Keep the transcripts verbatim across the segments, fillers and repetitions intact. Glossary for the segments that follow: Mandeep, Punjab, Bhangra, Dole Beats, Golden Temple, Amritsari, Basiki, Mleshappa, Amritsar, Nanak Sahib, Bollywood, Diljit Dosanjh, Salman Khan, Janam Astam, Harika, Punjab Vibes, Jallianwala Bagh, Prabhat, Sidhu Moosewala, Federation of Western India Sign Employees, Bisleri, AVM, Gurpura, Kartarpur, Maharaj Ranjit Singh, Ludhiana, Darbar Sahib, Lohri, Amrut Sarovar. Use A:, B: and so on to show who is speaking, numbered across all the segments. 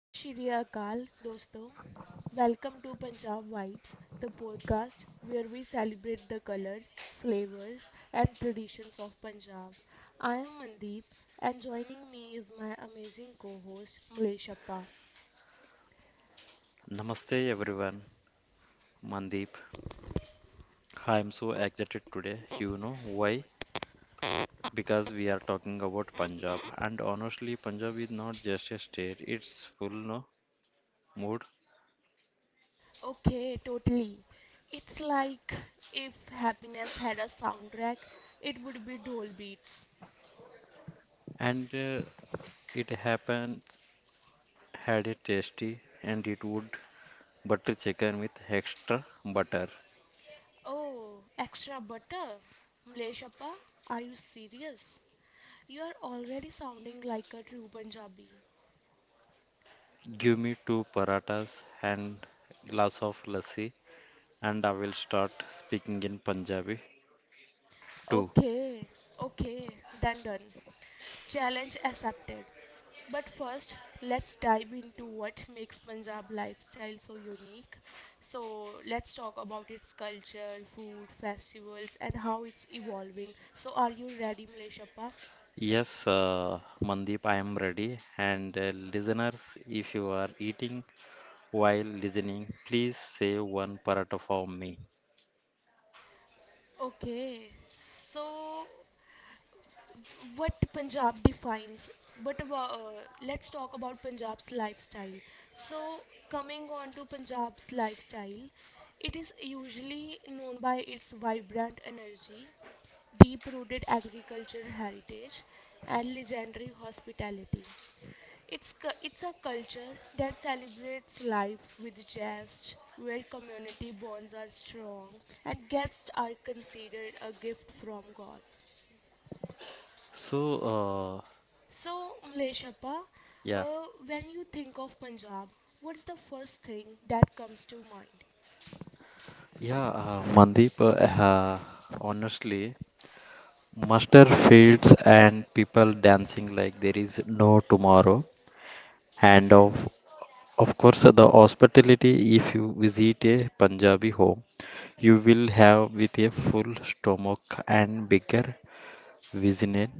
A: ਸਤਿ ਸ਼੍ਰੀ ਅਕਾਲ ਦੋਸਤੋ welcome to Punjab vibes, the podcast where we celebrate the colors, flavors and traditions of Punjab. I am Mandeep and joining me is my amazing co-host Mleshappa.
B: Namaste everyone, Mandeep. I am so excited today. You know why? Because we are talking about Punjab, and honestly, Punjab is not just a state; it's full no mood,
A: Okay, totally. It's like, if happiness had a soundtrack, it would be Dole Beats.
B: and uh, it happens had a tasty and it would butter chicken with extra butter.
A: Oh, extra butter? Mleshappa, are you serious? You are already sounding like a true Punjabi.
B: Give me two paratas and glass of lassi, and I will start speaking in Punjabi too.
A: Okay, okay, then done. Challenge accepted. But first, let's dive into what makes Punjab lifestyle so unique. So, let's talk about its culture, food, festivals, and how it's evolving. So, are you ready, Mleshappa?
B: Yes, uh, Mandeep, I am ready. And uh, listeners, if you are eating while listening, please say one paratha for me.
A: Okay, so what Punjab defines. But about, uh, let's talk about Punjab's lifestyle. So, coming on to Punjab's lifestyle, it is usually known by its vibrant energy, deep rooted agricultural heritage, and legendary hospitality. It's, cu- it's a culture that celebrates life with zest, where community bonds are strong and guests are considered a gift from God.
B: So, uh,
A: So, Mleshappa,
B: yeah,
A: uh, when you think of Punjab, what's the first thing that comes to mind?
B: yeah, uh, Mandeep, uh, uh, Honestly, mustard fields and people dancing like there is no tomorrow. And of of course, uh, the hospitality, if you visit a Punjabi home, you will have with a full stomach and bigger Vijayan.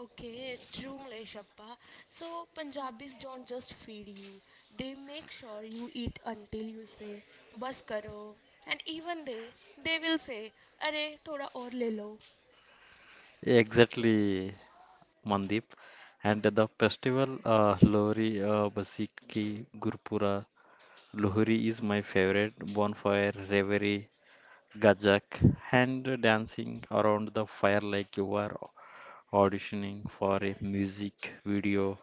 A: Okay, true, Mleshappa. So, Punjabis don't just feed you, they make sure you eat until you say, Bas karo. And even they, they will say, Are, thoda aur le lo.
B: Exactly, Mandeep. And the festival uh, Lohri, uh, Basiki, Gurpura. Lohri is my favorite bonfire, reverie, gajak, and dancing around the fire like you are auditioning for a music video.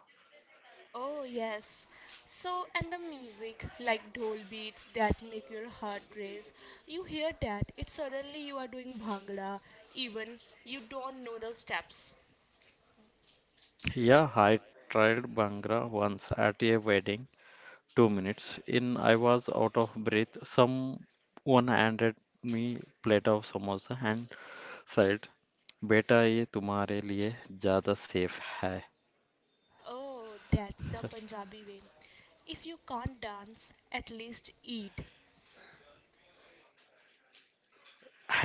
A: Oh, yes. So, and the music, like dhol beats that make your heart race. You hear that, it's suddenly you are doing bhangra, even you don't know the steps.
B: Yeah, I tried Bhangra once at a wedding, two minutes in, I was out of breath. Someone handed me plate of samosa and said, "बेटा ये तुम्हारे लिए ज़्यादा safe है."
A: Oh, that's the Punjabi way. If you can't dance, at least eat.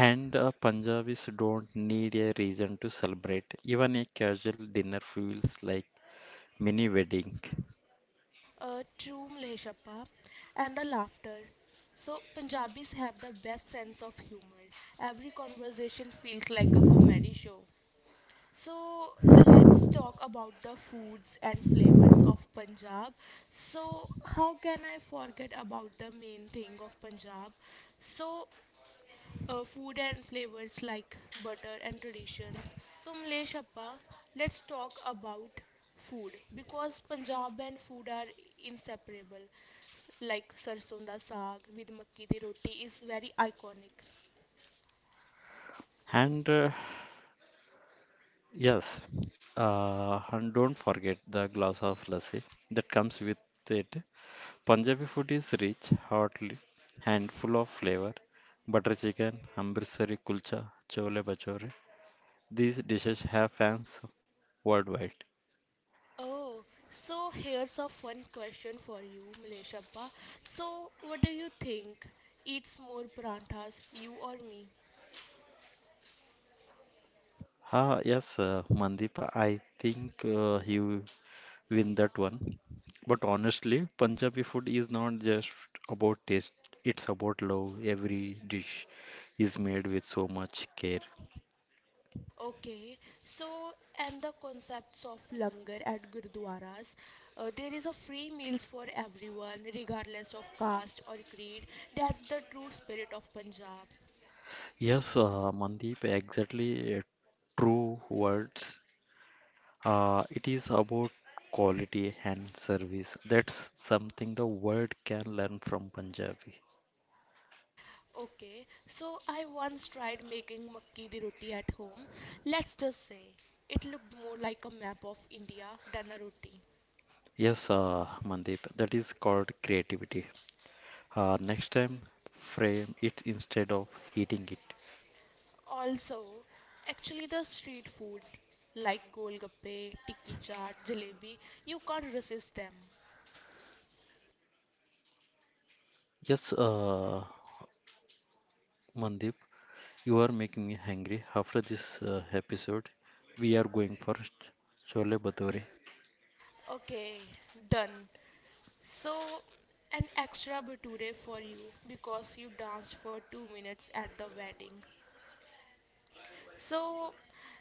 B: And uh, Punjabis don't need a reason to celebrate. Even a casual dinner feels like mini wedding.
A: A true Leshappa and the laughter. So, Punjabis have the best sense of humor. Every conversation feels like a comedy show. So let's talk about the foods and flavors of Punjab. So, how can I forget about the main thing of Punjab? So, uh, food and flavors like butter and traditions. So, Mlesh Appa, let's talk about food because Punjab and food are inseparable. Like sarson da saag with makki di roti is very iconic.
B: And uh, yes, uh, and don't forget the glass of lassi that comes with it. Punjabi food is rich, hearty, and full of flavor. Butter chicken, Amritsari kulcha, chole bhature. These dishes have fans worldwide.
A: Oh, so here's a fun question for you, Milesh. So, what do you think eats more paranthas, you or me?
B: Ah, yes, uh, Mandeep, I think uh, he will win that one. But honestly, Punjabi food is not just about taste, it's about love. Every dish is made with so much care.
A: Okay, so and the concepts of langar at gurdwaras. Uh, there is a free meals for everyone, regardless of caste or creed. That's the true spirit of Punjab.
B: Yes, uh, Mandeep, exactly uh, true words. Uh, it is about quality and service. That's something the world can learn from Punjabi.
A: Okay, so I once tried making makki di roti at home. Let's just say it looked more like a map of India than a roti.
B: Yes, uh, Mandeep, that is called creativity. Uh, next time, frame it instead of eating it.
A: Also, actually, the street foods like golgappe, tikki chaat, jalebi, you can't resist them.
B: Yes, uh, Mandeep, you are making me hungry. After this uh, episode, we are going for ch- chole bhature.
A: Okay, done. So, an extra bhature for you because you danced for two minutes at the wedding. So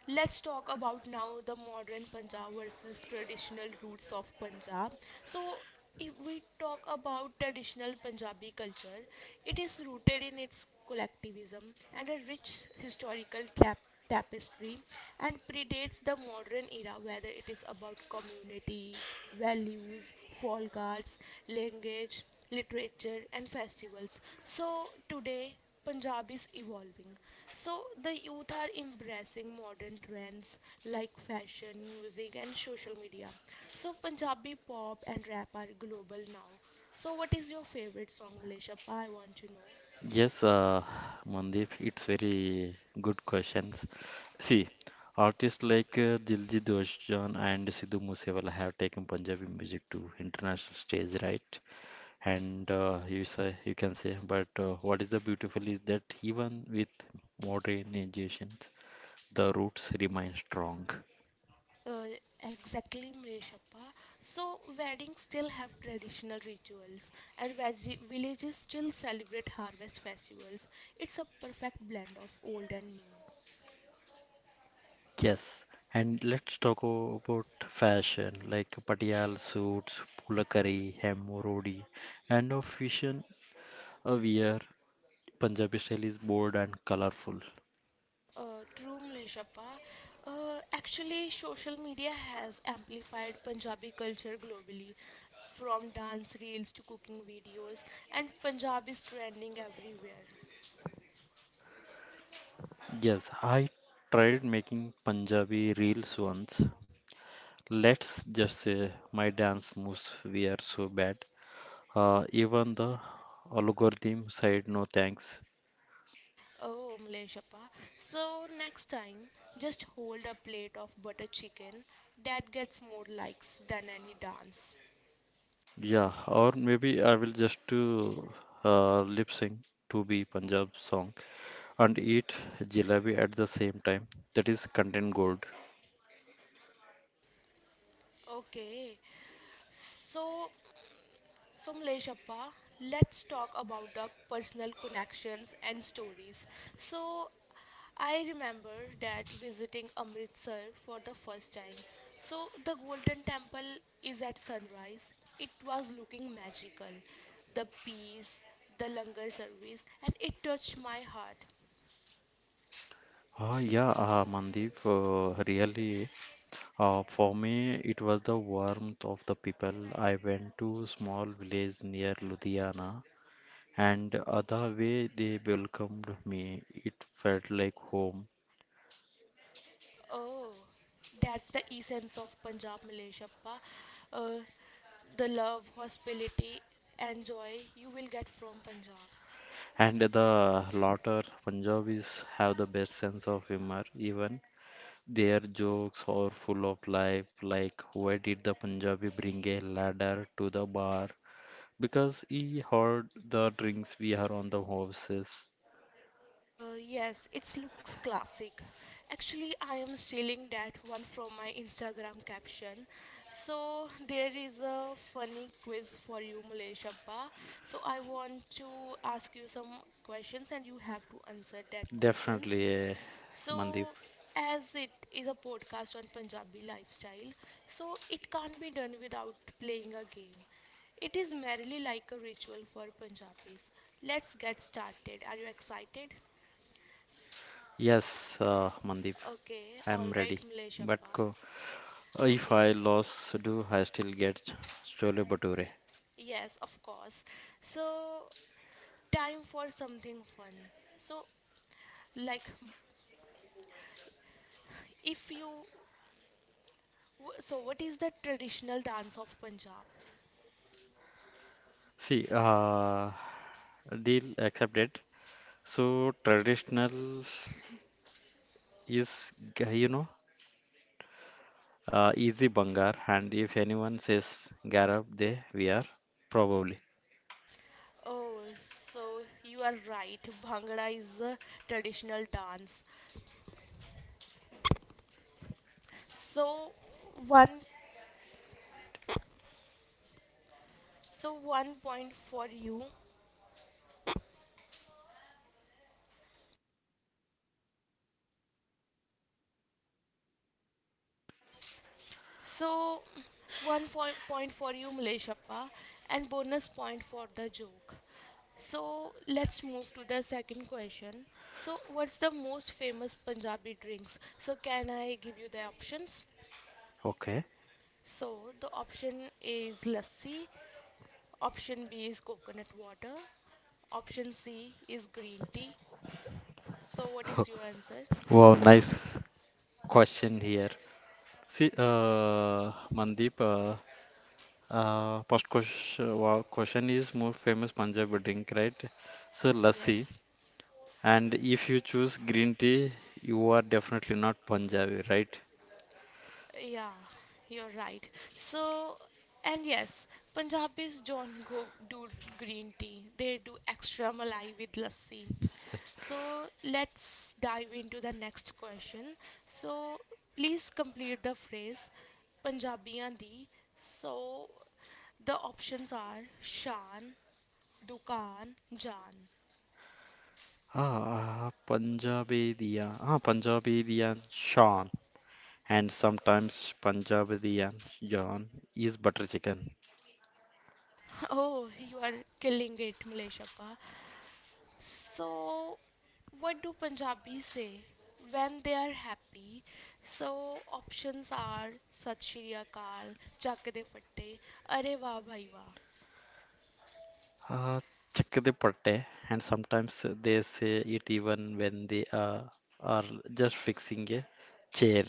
A: let's talk about now the modern Punjab versus traditional roots of Punjab. So if we talk about traditional Punjabi culture, it is rooted in its collectivism and a rich historical cap- tapestry and predates the modern era, whether it is about community values, folk arts, language, literature and festivals. So today Punjab is evolving. So the youth are embracing modern trends like fashion, music and social media. So Punjabi pop and rap are global now. So what is your favorite song, Maleshappa? I want to know.
B: Yes, uh, Mandeep, it's very good questions. See, artists like uh, Diljit Dosanjh and Sidhu Moosewala have taken Punjabi music to international stage, right? And uh, you say you can say but uh, what is the beautiful is that even with modernizations the roots remain strong.
A: Uh, exactly, Maleshappa. So weddings still have traditional rituals and veg- villages still celebrate harvest festivals. It's a perfect blend of old and new.
B: Yes, and let's talk o- about fashion like patial suits, pulakari hem, rodi, and of fusion uh, wear. Punjabi style is bold and colorful.
A: Uh, true, Mleshappa. Uh, actually, social media has amplified Punjabi culture globally, from dance reels to cooking videos, and Punjab is trending everywhere.
B: Yes, I tried making Punjabi reels once. Let's just say my dance moves were so bad. Uh, even the algorithm said no thanks.
A: Oh, Mleshappa. So, next time, just hold a plate of butter chicken, that gets more likes than any dance.
B: Yeah, or maybe I will just do uh, lip sync to be Punjab song and eat jalebi at the same time. That is content gold.
A: Okay, so so, Mleshappa, let's talk about the personal connections and stories. So, I remember that visiting Amritsar for the first time. So, the Golden Temple is at sunrise. It was looking magical. The peace, the langar service, and it touched my heart.
B: Ah, yeah, uh, Mandeep, uh, really, uh, for me, it was the warmth of the people. I went to small village near Ludhiana, and uh, the way they welcomed me, it felt like home.
A: Oh, that's the essence of Punjab, Mleshappa. Uh, the love, hospitality, and joy you will get from Punjab.
B: And the latter, Punjabis have the best sense of humor. Even their jokes are full of life, like why did the Punjabi bring a ladder to the bar? Because he heard the drinks we are on the horses.
A: Uh, yes, it looks classic. Actually, I am stealing that one from my Instagram caption. So there is a funny quiz for you, Mulesh Abba. So I want to ask you some questions, and you have to answer that
B: Definitely,
A: questions.
B: eh, Mandeep.
A: So, as it is a podcast on Punjabi lifestyle, so it can't be done without playing a game. It is merely like a ritual for Punjabis. Let's get started. Are you excited?
B: Yes, uh, Mandeep,
A: Okay,
B: I'm
A: all right,
B: ready. But
A: Mleshappa.
B: co- if
A: Okay,
B: I lost, do I still get ch- chole bhature?
A: yes, of course. So, time for something fun. So, like, if you, w- so what is the traditional dance of Punjab?
B: See, uh, deal accepted. So traditional is ga- you know uh, easy bangar, and if anyone says Garab, they we are probably
A: Oh, so you are right. Bhangra is a traditional dance. So one, so one point for you. So, one fo- point for you, Maleshappa, and bonus point for the joke. So, let's move to the second question. So, what's the most famous Punjabi drinks? So, can I give you the options?
B: okay.
A: So, the option A is lassi, option B is coconut water, option C is green tea. So, what is your answer?
B: Wow, nice question here. See, uh, Mandeep, uh, uh, first question, wow, question is more famous Punjabi drink, right? So lassi,
A: Yes.
B: and if you choose green tea, you are definitely not Punjabi, right?
A: Yeah, you're right. So, and yes, Punjabis don't go do green tea. They do extra malai with lassi. So, let's dive into the next question. So, please complete the phrase Punjabiyan di. So, the options are shan, dukan, jan.
B: Ah, Punjabi diya, ah, Punjabi diyan shan. And sometimes Punjabi and John is butter chicken.
A: Oh, you are killing it, Malayshappa. So, what do Punjabis say when they are happy? So, options are Sat Shri Akal, Chak De Fatte, Are Wah Bhai Wah.
B: Uh, Chickadee patte, and sometimes they say it even when they uh, are just fixing a chair.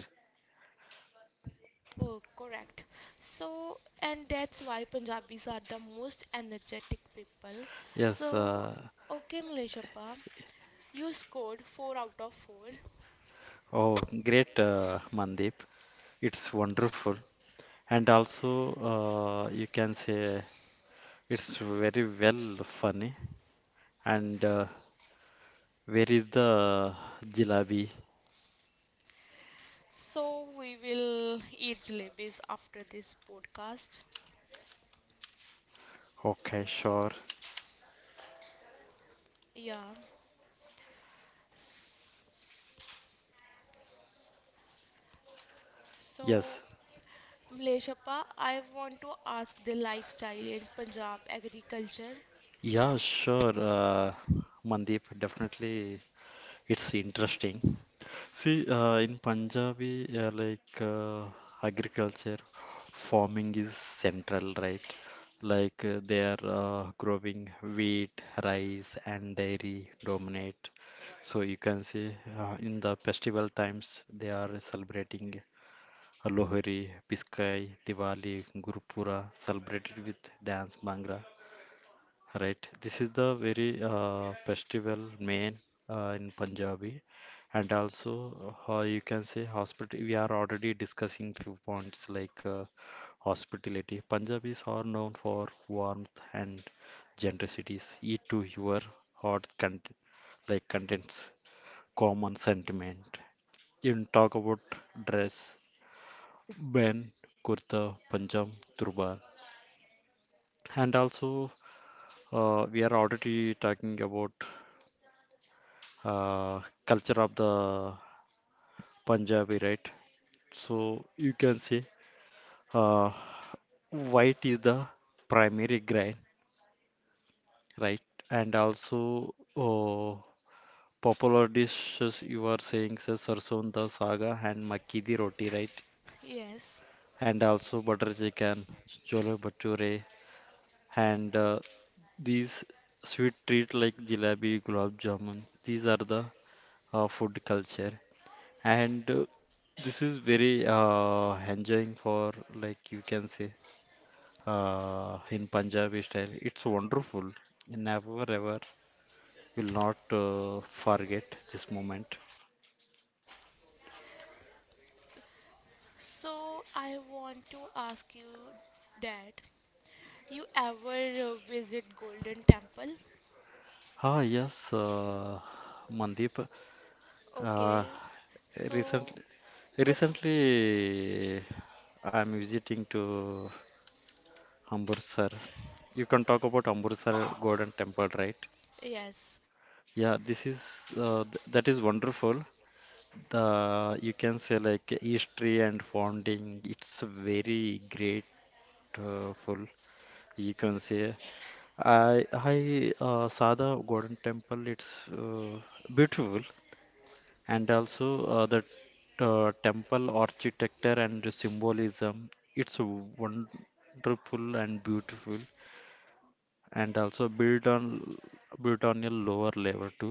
A: Oh, correct. So, and that's why Punjabis are the most energetic people.
B: Yes,
A: So,
B: uh,
A: okay, Maleshappa, you scored four out of four.
B: oh, great, uh, Mandeep. It's wonderful. And also, uh, you can say it's very well funny. And uh, where is the jalabi?
A: So, we will eat jalebis after this podcast.
B: Okay, sure.
A: Yeah.
B: Yes,
A: So, Mleshappa, I want to ask the lifestyle in Punjab agriculture.
B: yeah, sure, uh, Mandeep. Definitely, it's interesting. See, uh, in Punjabi, uh, like uh, agriculture, farming is central, right? Like uh, they are uh, growing wheat, rice, and dairy dominate. So you can see uh, in the festival times they are celebrating Lohri, Biskai, Diwali, Gurpura, celebrated with dance, bhangra. Right, this is the very uh, festival main uh, in Punjabi, and also uh, you can say hospital. We are already discussing few points like uh, hospitality. Punjabis are known for warmth and generosity. Eat to your heart cont like contents common sentiment. You talk about dress, ben, kurta, panjam, turban, and also uh, we are already talking about uh, culture of the Punjabi, right? So you can say uh, white is the primary grain, right? And also uh, popular dishes you are saying sir, sarson da saga and makki di roti, right?
A: Yes.
B: And also butter chicken, chole bhature, and uh, these sweet treat like jalebi, gulab jamun. These are the uh, food culture. And uh, this is very uh, enjoying for like you can say uh, in Punjabi style. It's wonderful. Never ever will not uh, forget this moment.
A: So I want to ask you that you ever uh, visit Golden Temple?
B: Ah yes, uh, Mandeep. Uh,
A: Okay. So
B: recently,
A: what?
B: Recently I'm visiting to Amritsar. You can talk about Amritsar Golden Temple, right?
A: Yes.
B: Yeah, this is uh, th that is wonderful. The you can say like history and founding. It's very great uh, full. You can say I I uh, saw the Golden Temple. It's uh, beautiful, and also uh, the uh, temple architecture and symbolism. It's wonderful and beautiful, and also built on built on a lower level to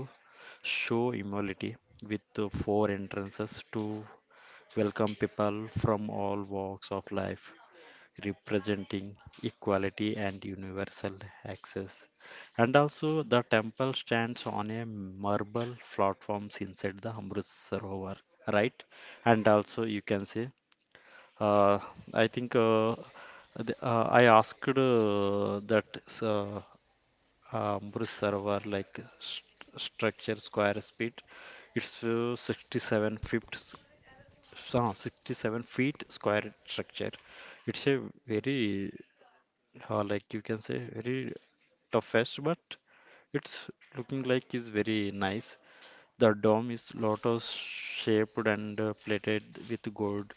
B: show humility with the four entrances to welcome people from all walks of life, representing equality and universal access. And also the temple stands on a marble platforms inside the amrut sarovar, right? And also you can see uh, I think uh, the- uh, I asked uh, that uh, um, Bruce server like st- structure square speed. It's uh, sixty-seven feet, s- uh, sixty-seven feet square structure. It's a very uh, like you can say very toughest, but it's looking like is very nice. The dome is lot of shaped and uh, plated with gold.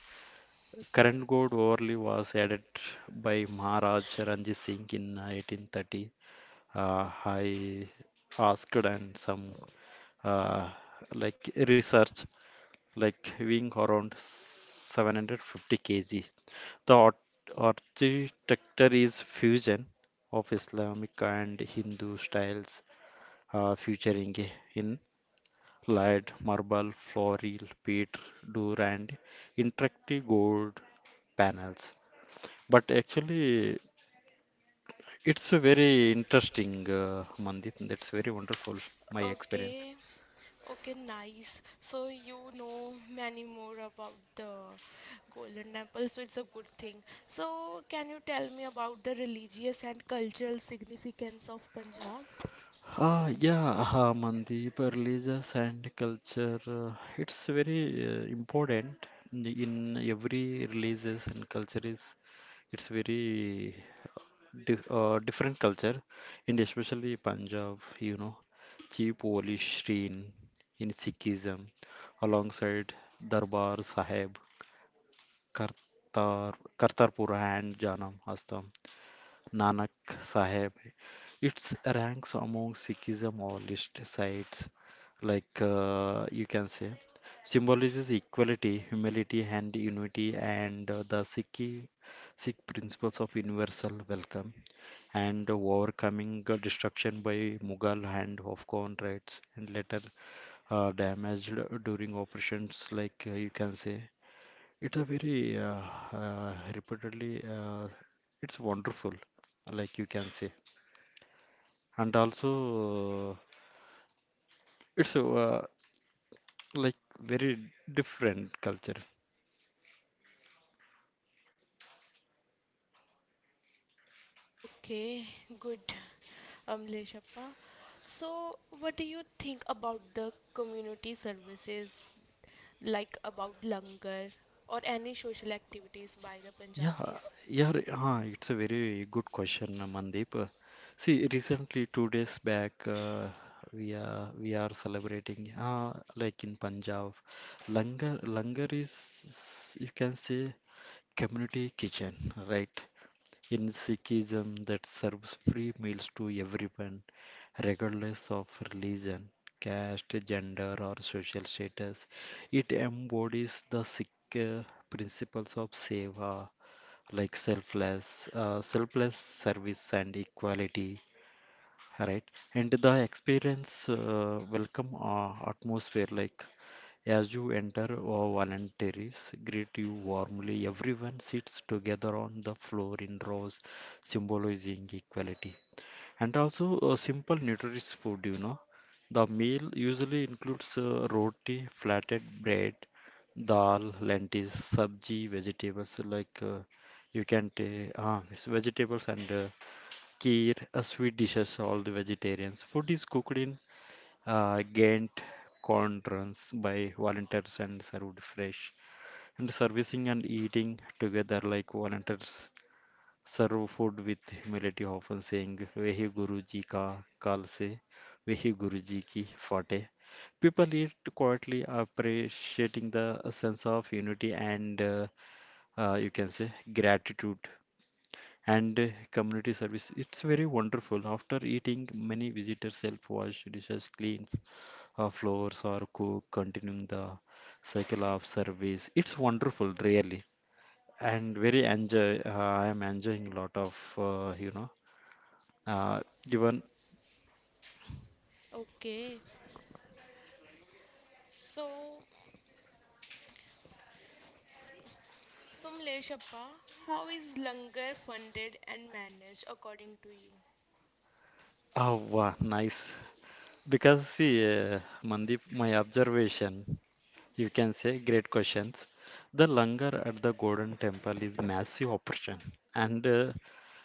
B: Current gold overlay was added by Maharaj Ranjit Singh in eighteen thirty. Uh, I asked and some uh, like research, like weighing around seven hundred fifty kilograms. The art architecture is fusion of Islamic and Hindu styles, uh, featuring in laid marble, floral, beat, door and interactive gold panels. But actually, it's a very interesting, uh, Mandit. That's very wonderful, my experience.
A: Okay. Okay, nice. So you know many more about the Golden Temple, so it's a good thing. So can you tell me about the religious and cultural significance of Punjab?
B: Ah, yeah, uh, Mandeep, religious and culture. Uh, it's very uh, important in in every religious and culture is it's very uh, di uh, different culture, and especially Punjab, you know, cheap Oli Shrin in Sikhism, alongside Darbar Sahib, Kartar Kartarpur and Janam Astam. Nanak Sahib. It ranks among Sikhism or list sites like uh, you can say symbolizes equality, humility, and unity, and uh, the Sikh Sikh principles of universal welcome and overcoming uh, destruction by Mughal and Afghan raids and later uh, damaged during operations like uh, you can say it's a very uh, uh, repeatedly, uh, it's wonderful, like you can say. And also, uh, it's uh, like very different culture.
A: Okay, good, Amleshappa. So what do you think about the community services, like about langar or any social activities by the
B: Yeah,
A: Punjabis?
B: yeah, re- huh, it's a very good question, uh, Mandeep. Uh, See, recently, two days back, uh, we are we are celebrating, uh, like in Punjab, langar langar is you can say community kitchen, right? In Sikhism, that serves free meals to everyone, regardless of religion, caste, gender, or social status. It embodies the Sikh uh, principles of seva, like selfless, uh, selfless service and equality. Right. And the experience uh, welcome uh, atmosphere, like as you enter, uh, voluntaries greet you warmly. Everyone sits together on the floor in rows, symbolizing equality. And also, uh, simple nutritious food, you know. The meal usually includes uh, roti, flattened bread, dal, lentils, sabji, vegetables like uh, you can take uh, vegetables and uh, Kheer, a sweet dish of all the vegetarians. Food is cooked in uh, Ghent corn runs by volunteers and served fresh. And servicing and eating together like volunteers serve food with humility, often saying, Vehi Guruji ka kal se, Vehi Guruji ki fateh. People eat quietly, appreciating the sense of unity and uh, uh, you can say gratitude and uh, community service. It's very wonderful. After eating, many visitors help wash dishes, clean uh, floors, or cook, continuing the cycle of service. It's wonderful, really, and very enjoy. Uh, I am enjoying a lot of uh, you know, uh, even
A: Okay, so Somleshappa, how is Langar funded and managed according to you?
B: oh wow, nice. Because see, uh, Mandeep, my observation, you can say great questions. The langar at the Golden Temple is massive operation, and uh,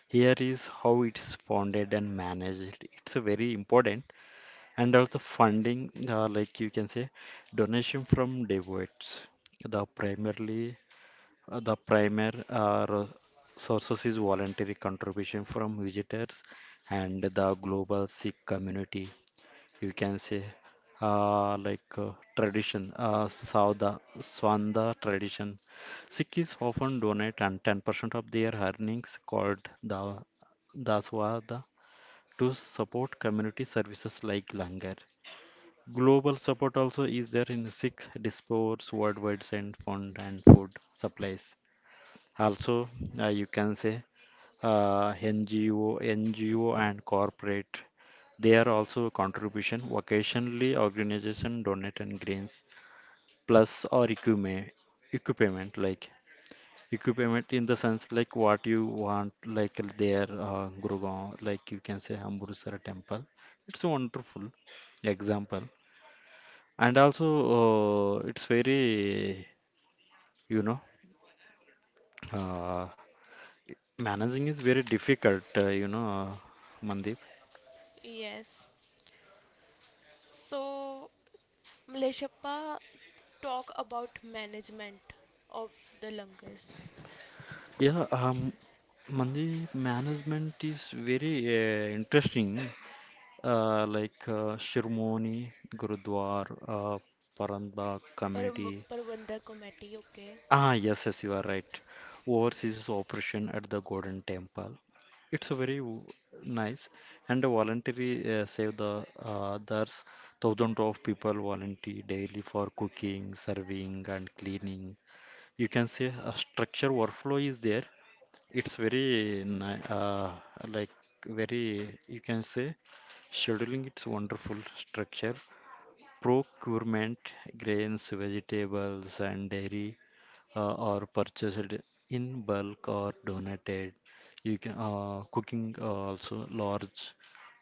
B: here is how it's founded and managed. It's a very important, and also funding, uh, like you can say, donation from devotees. The primarily uh, the primary uh, ro- sources is voluntary contribution from visitors and the global Sikh community, you can say, uh, like uh, tradition, uh, sauda swanda tradition. Sikhs often donate and ten percent of their earnings called the daswada to support community services like langar. Global support also is there in Sikh diasporas worldwide, send fund and food supplies. Also, uh, you can say, uh, N G O, N G O and corporate. They are also a contribution. Occasionally, organization donate and grains plus or equipment, equipment. Like equipment in the sense like what you want, like their uh, Gurgaon, like you can say Amburusara temple. It's a wonderful example, and also uh, it's very you know. Uh, Managing is very difficult, uh, you know, Mandeep.
A: Yes. So, Mleshappa, talk about management of the langars.
B: Yeah, um, Mandeep, management is very uh, interesting, uh, like uh, Shirmoni, Gurudwar, uh, Parambagh
A: Par-
B: committee.
A: Parvandar committee, okay.
B: Ah, yes, yes, you are right. Overseas operation at the Golden Temple. It's a very w- nice and a voluntary, uh, save the uh, there's thousands of people volunteer daily for cooking, serving, and cleaning. You can say a structure workflow is there. It's very ni- uh, like Very, you can say, scheduling, it's wonderful structure. Procurement, grains, vegetables, and dairy uh, are purchased in bulk or donated. You can uh, Cooking, uh, also large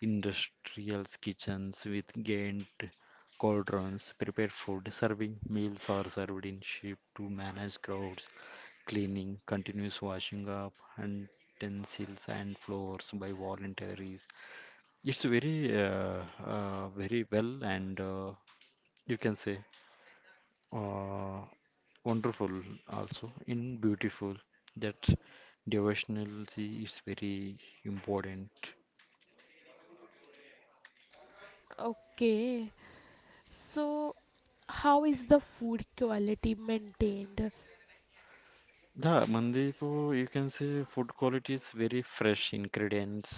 B: industrial kitchens with giant cauldrons prepare food. Serving, meals are served in ship to manage crowds. Cleaning, continuous washing up, and utensils and floors by volunteers. It's very, uh, uh, very well and, uh, you can say, uh, wonderful, also in beautiful that devotionality is very important.
A: Okay, so how is the food quality maintained?
B: Yeah mandipo, you can say food quality is very fresh ingredients,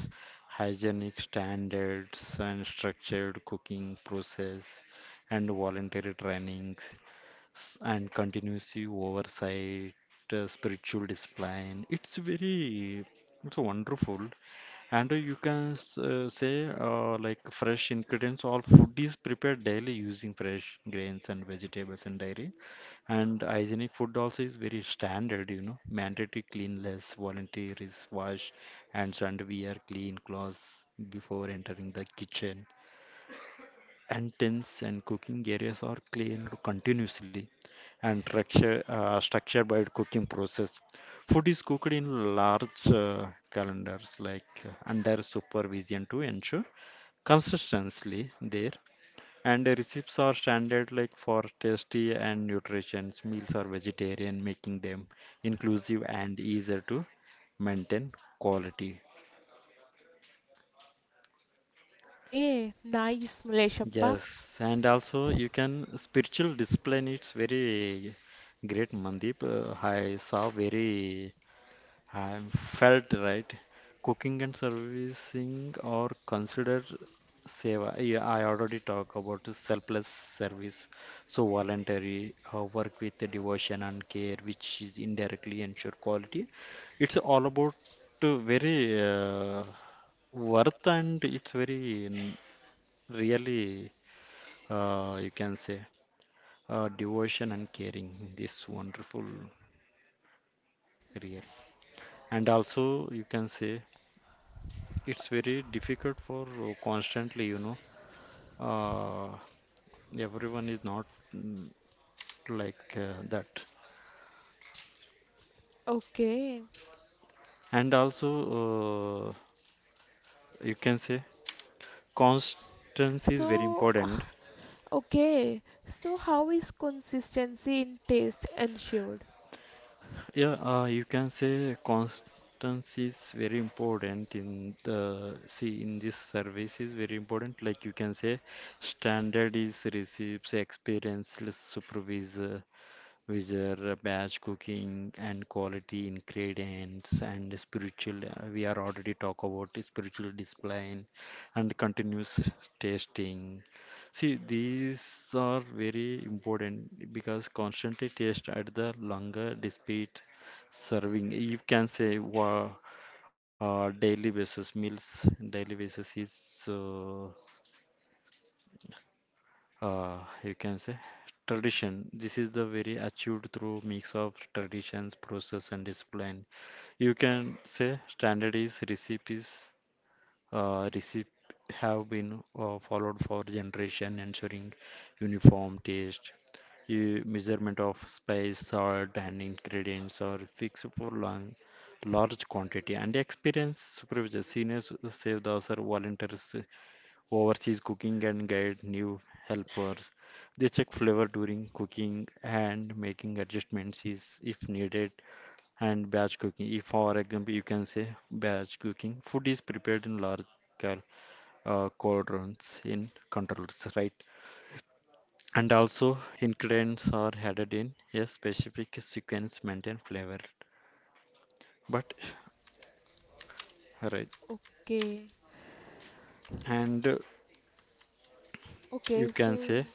B: hygienic standards, and structured cooking process and voluntary trainings, s- and continuous oversight. Uh, spiritual discipline, it's very it's wonderful. And uh, you can s- uh, say uh, like fresh ingredients. All food is prepared daily using fresh grains and vegetables and dairy. And hygienic food also is very standard, you know. Mandatory cleanliness, voluntary is wash hands and wear clean clothes before entering the kitchen, and tins and cooking areas are cleaned continuously and structure, uh, structured by the cooking process. Food is cooked in large uh, calendars, like uh, under supervision to ensure consistency there. And the recipes are standard, like for tasty and nutritious meals are vegetarian, making them inclusive and easier to maintain quality.
A: Okay, nice, Maleshappa.
B: Yes, and also you can spiritual discipline. It's very great, Mandeep. Uh, I saw very, I felt right. Cooking and servicing or considered seva. Yeah, I already talk about the selfless service. So voluntary uh, work with the devotion and care, which is indirectly ensure quality. It's all about uh, very uh, worth, and it's very mm, really, uh, you can say, uh, devotion and caring, this wonderful career. And also you can say it's very difficult for uh, constantly, you know, uh, everyone is not, mm, like uh, that.
A: Okay,
B: And also, uh, you can say constance is very
A: so uh,
B: important.
A: okay, so how is consistency in taste ensured?
B: Yeah, uh, you can say constancy is very important in the see in this service is very important. Like you can say, standard is receives experienced supervisor, whether batch cooking and quality ingredients and spiritual. uh, We are already talk about the spiritual discipline and continuous tasting. See, these are very important because constantly taste at the longer despite serving. You can say wow, uh, daily basis meals. Daily basis is. Uh, uh, you can say tradition. This is the very achieved through mix of traditions, process, and discipline. You can say standard is recipes. Uh, recip have been uh, followed for generation, ensuring uniform taste. You, measurement of spice, salt, and ingredients are fixed for long, large quantity. And experience supervisor, seniors, save the officer, volunteers overseas cooking and guide new helpers. They check flavor during cooking and making adjustments is if needed, and batch cooking. If, for example, you can say batch cooking, food is prepared in large cal- uh, quadrants in controls, right? And also ingredients are added in a specific sequence maintain flavor. But right,
A: Okay.
B: and uh,
A: S-
B: you
A: Okay, so
B: can say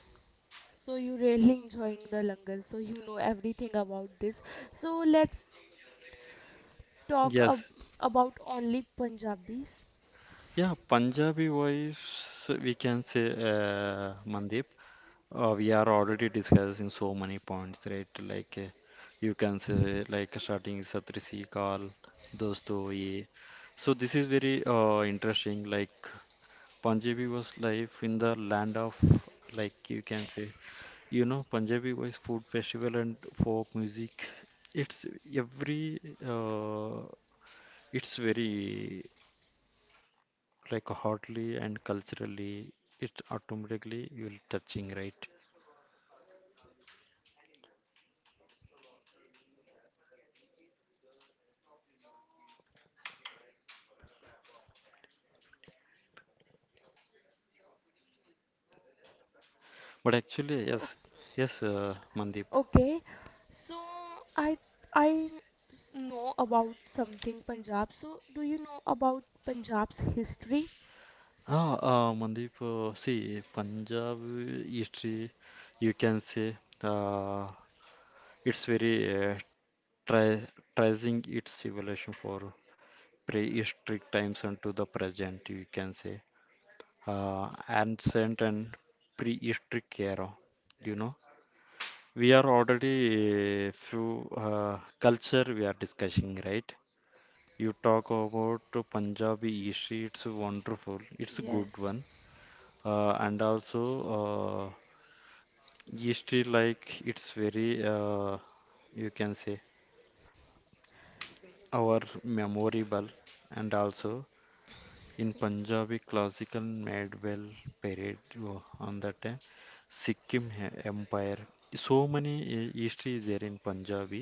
A: so you really enjoying the langal, so you know everything about this. So let's talk
B: yes,
A: ab about only Punjabis.
B: yeah, Punjabi voice, we can say, uh, Mandeep. Uh, we are already discussing so many points, right? Like uh, you can say like starting Satrisi Kal, Dosto Ye. So this is very uh, interesting. Like Punjabi was life in the land of, like you can say, you know, Punjabi was food festival and folk music. It's every uh, it's very, like hotly and culturally. It automatically you'll touching right. But actually,
A: O-
B: yes, yes, uh, Mandeep.
A: Okay. So I I s- know about something Punjab. So do you know about Punjab's history?
B: Ah, uh, Mandeep, uh, see, Punjabi history, you can say, uh, it's very, uh, tra tracing its evolution for prehistoric times and to the present, you can say uh, ancient and prehistoric era. You know, we are already a few uh, culture we are discussing, right? You talk about Punjabi history. It's wonderful. It's a good
A: Yes.
B: one. Uh, and also, uh, history, like it's very, uh, you can say, our memorable. And also, in Punjabi classical medieval period wo- on that time, Sikkim he- Empire. So many uh, history is there in Punjabi,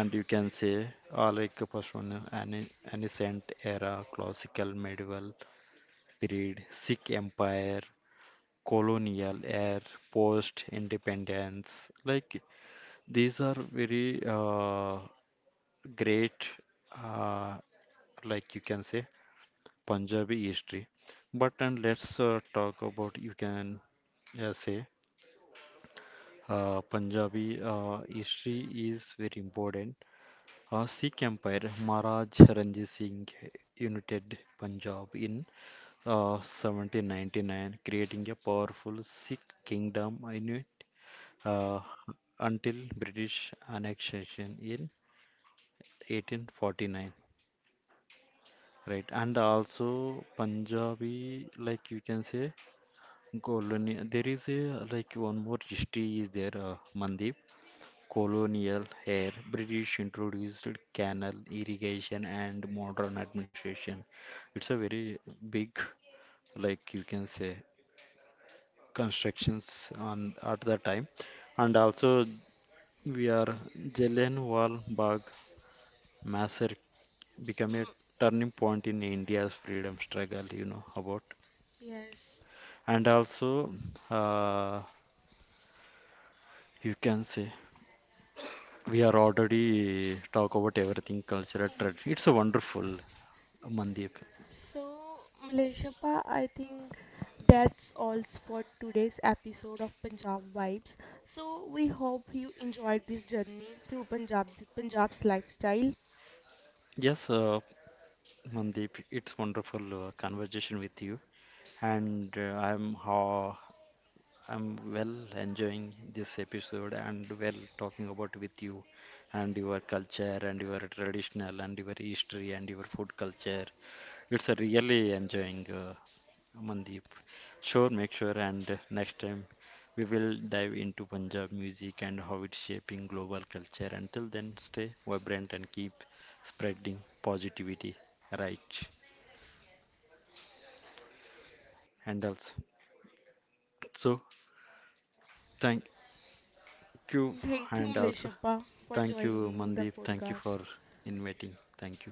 B: and you can say, uh, like first one, uh, an ancient era, classical, medieval period, Sikh Empire, colonial era, post independence. Like these are very uh, great, uh, like you can say, Punjabi history. But and let's uh, talk about, you can uh, say, uh, Punjabi uh, history is very important. Uh, Sikh Empire, Maharaj Ranjit Singh united Punjab in uh, seventeen ninety-nine, creating a powerful Sikh kingdom in it uh, until British annexation in eighteen forty-nine. Right, and also Punjabi, like you can say, colonial. There is a like one more history is there, uh, Mandeep. Colonial era, British introduced canal irrigation and modern administration. It's a very big, like you can say, constructions on at the time. And also we are Jallianwala Bagh massacre became a
A: Mm,
B: turning point in India's freedom struggle, you know about.
A: yes.
B: And also, uh, you can say, we are already talk about everything cultural trend. It's a wonderful, Mandeep.
A: So, Malaysia, pa, I think that's all for today's episode of Punjab Vibes. So, we hope you enjoyed this journey through Punjab Punjab's lifestyle.
B: Yes, uh, Mandeep, it's wonderful uh, conversation with you. And uh, I'm ho I'm well enjoying this episode and well talking about with you, and your culture and your traditional and your history and your food culture. It's a really enjoying, uh, Mandeep. Sure, make sure and next time we will dive into Punjab music and how it's shaping global culture. Until then, stay vibrant and keep spreading positivity, right? And also, so thank you.
A: Thank you,
B: And also,
A: Malaysia, pa, for
B: thank you,
A: joining the
B: Mandeep. Thank you
A: podcast.
B: for inviting. Thank you.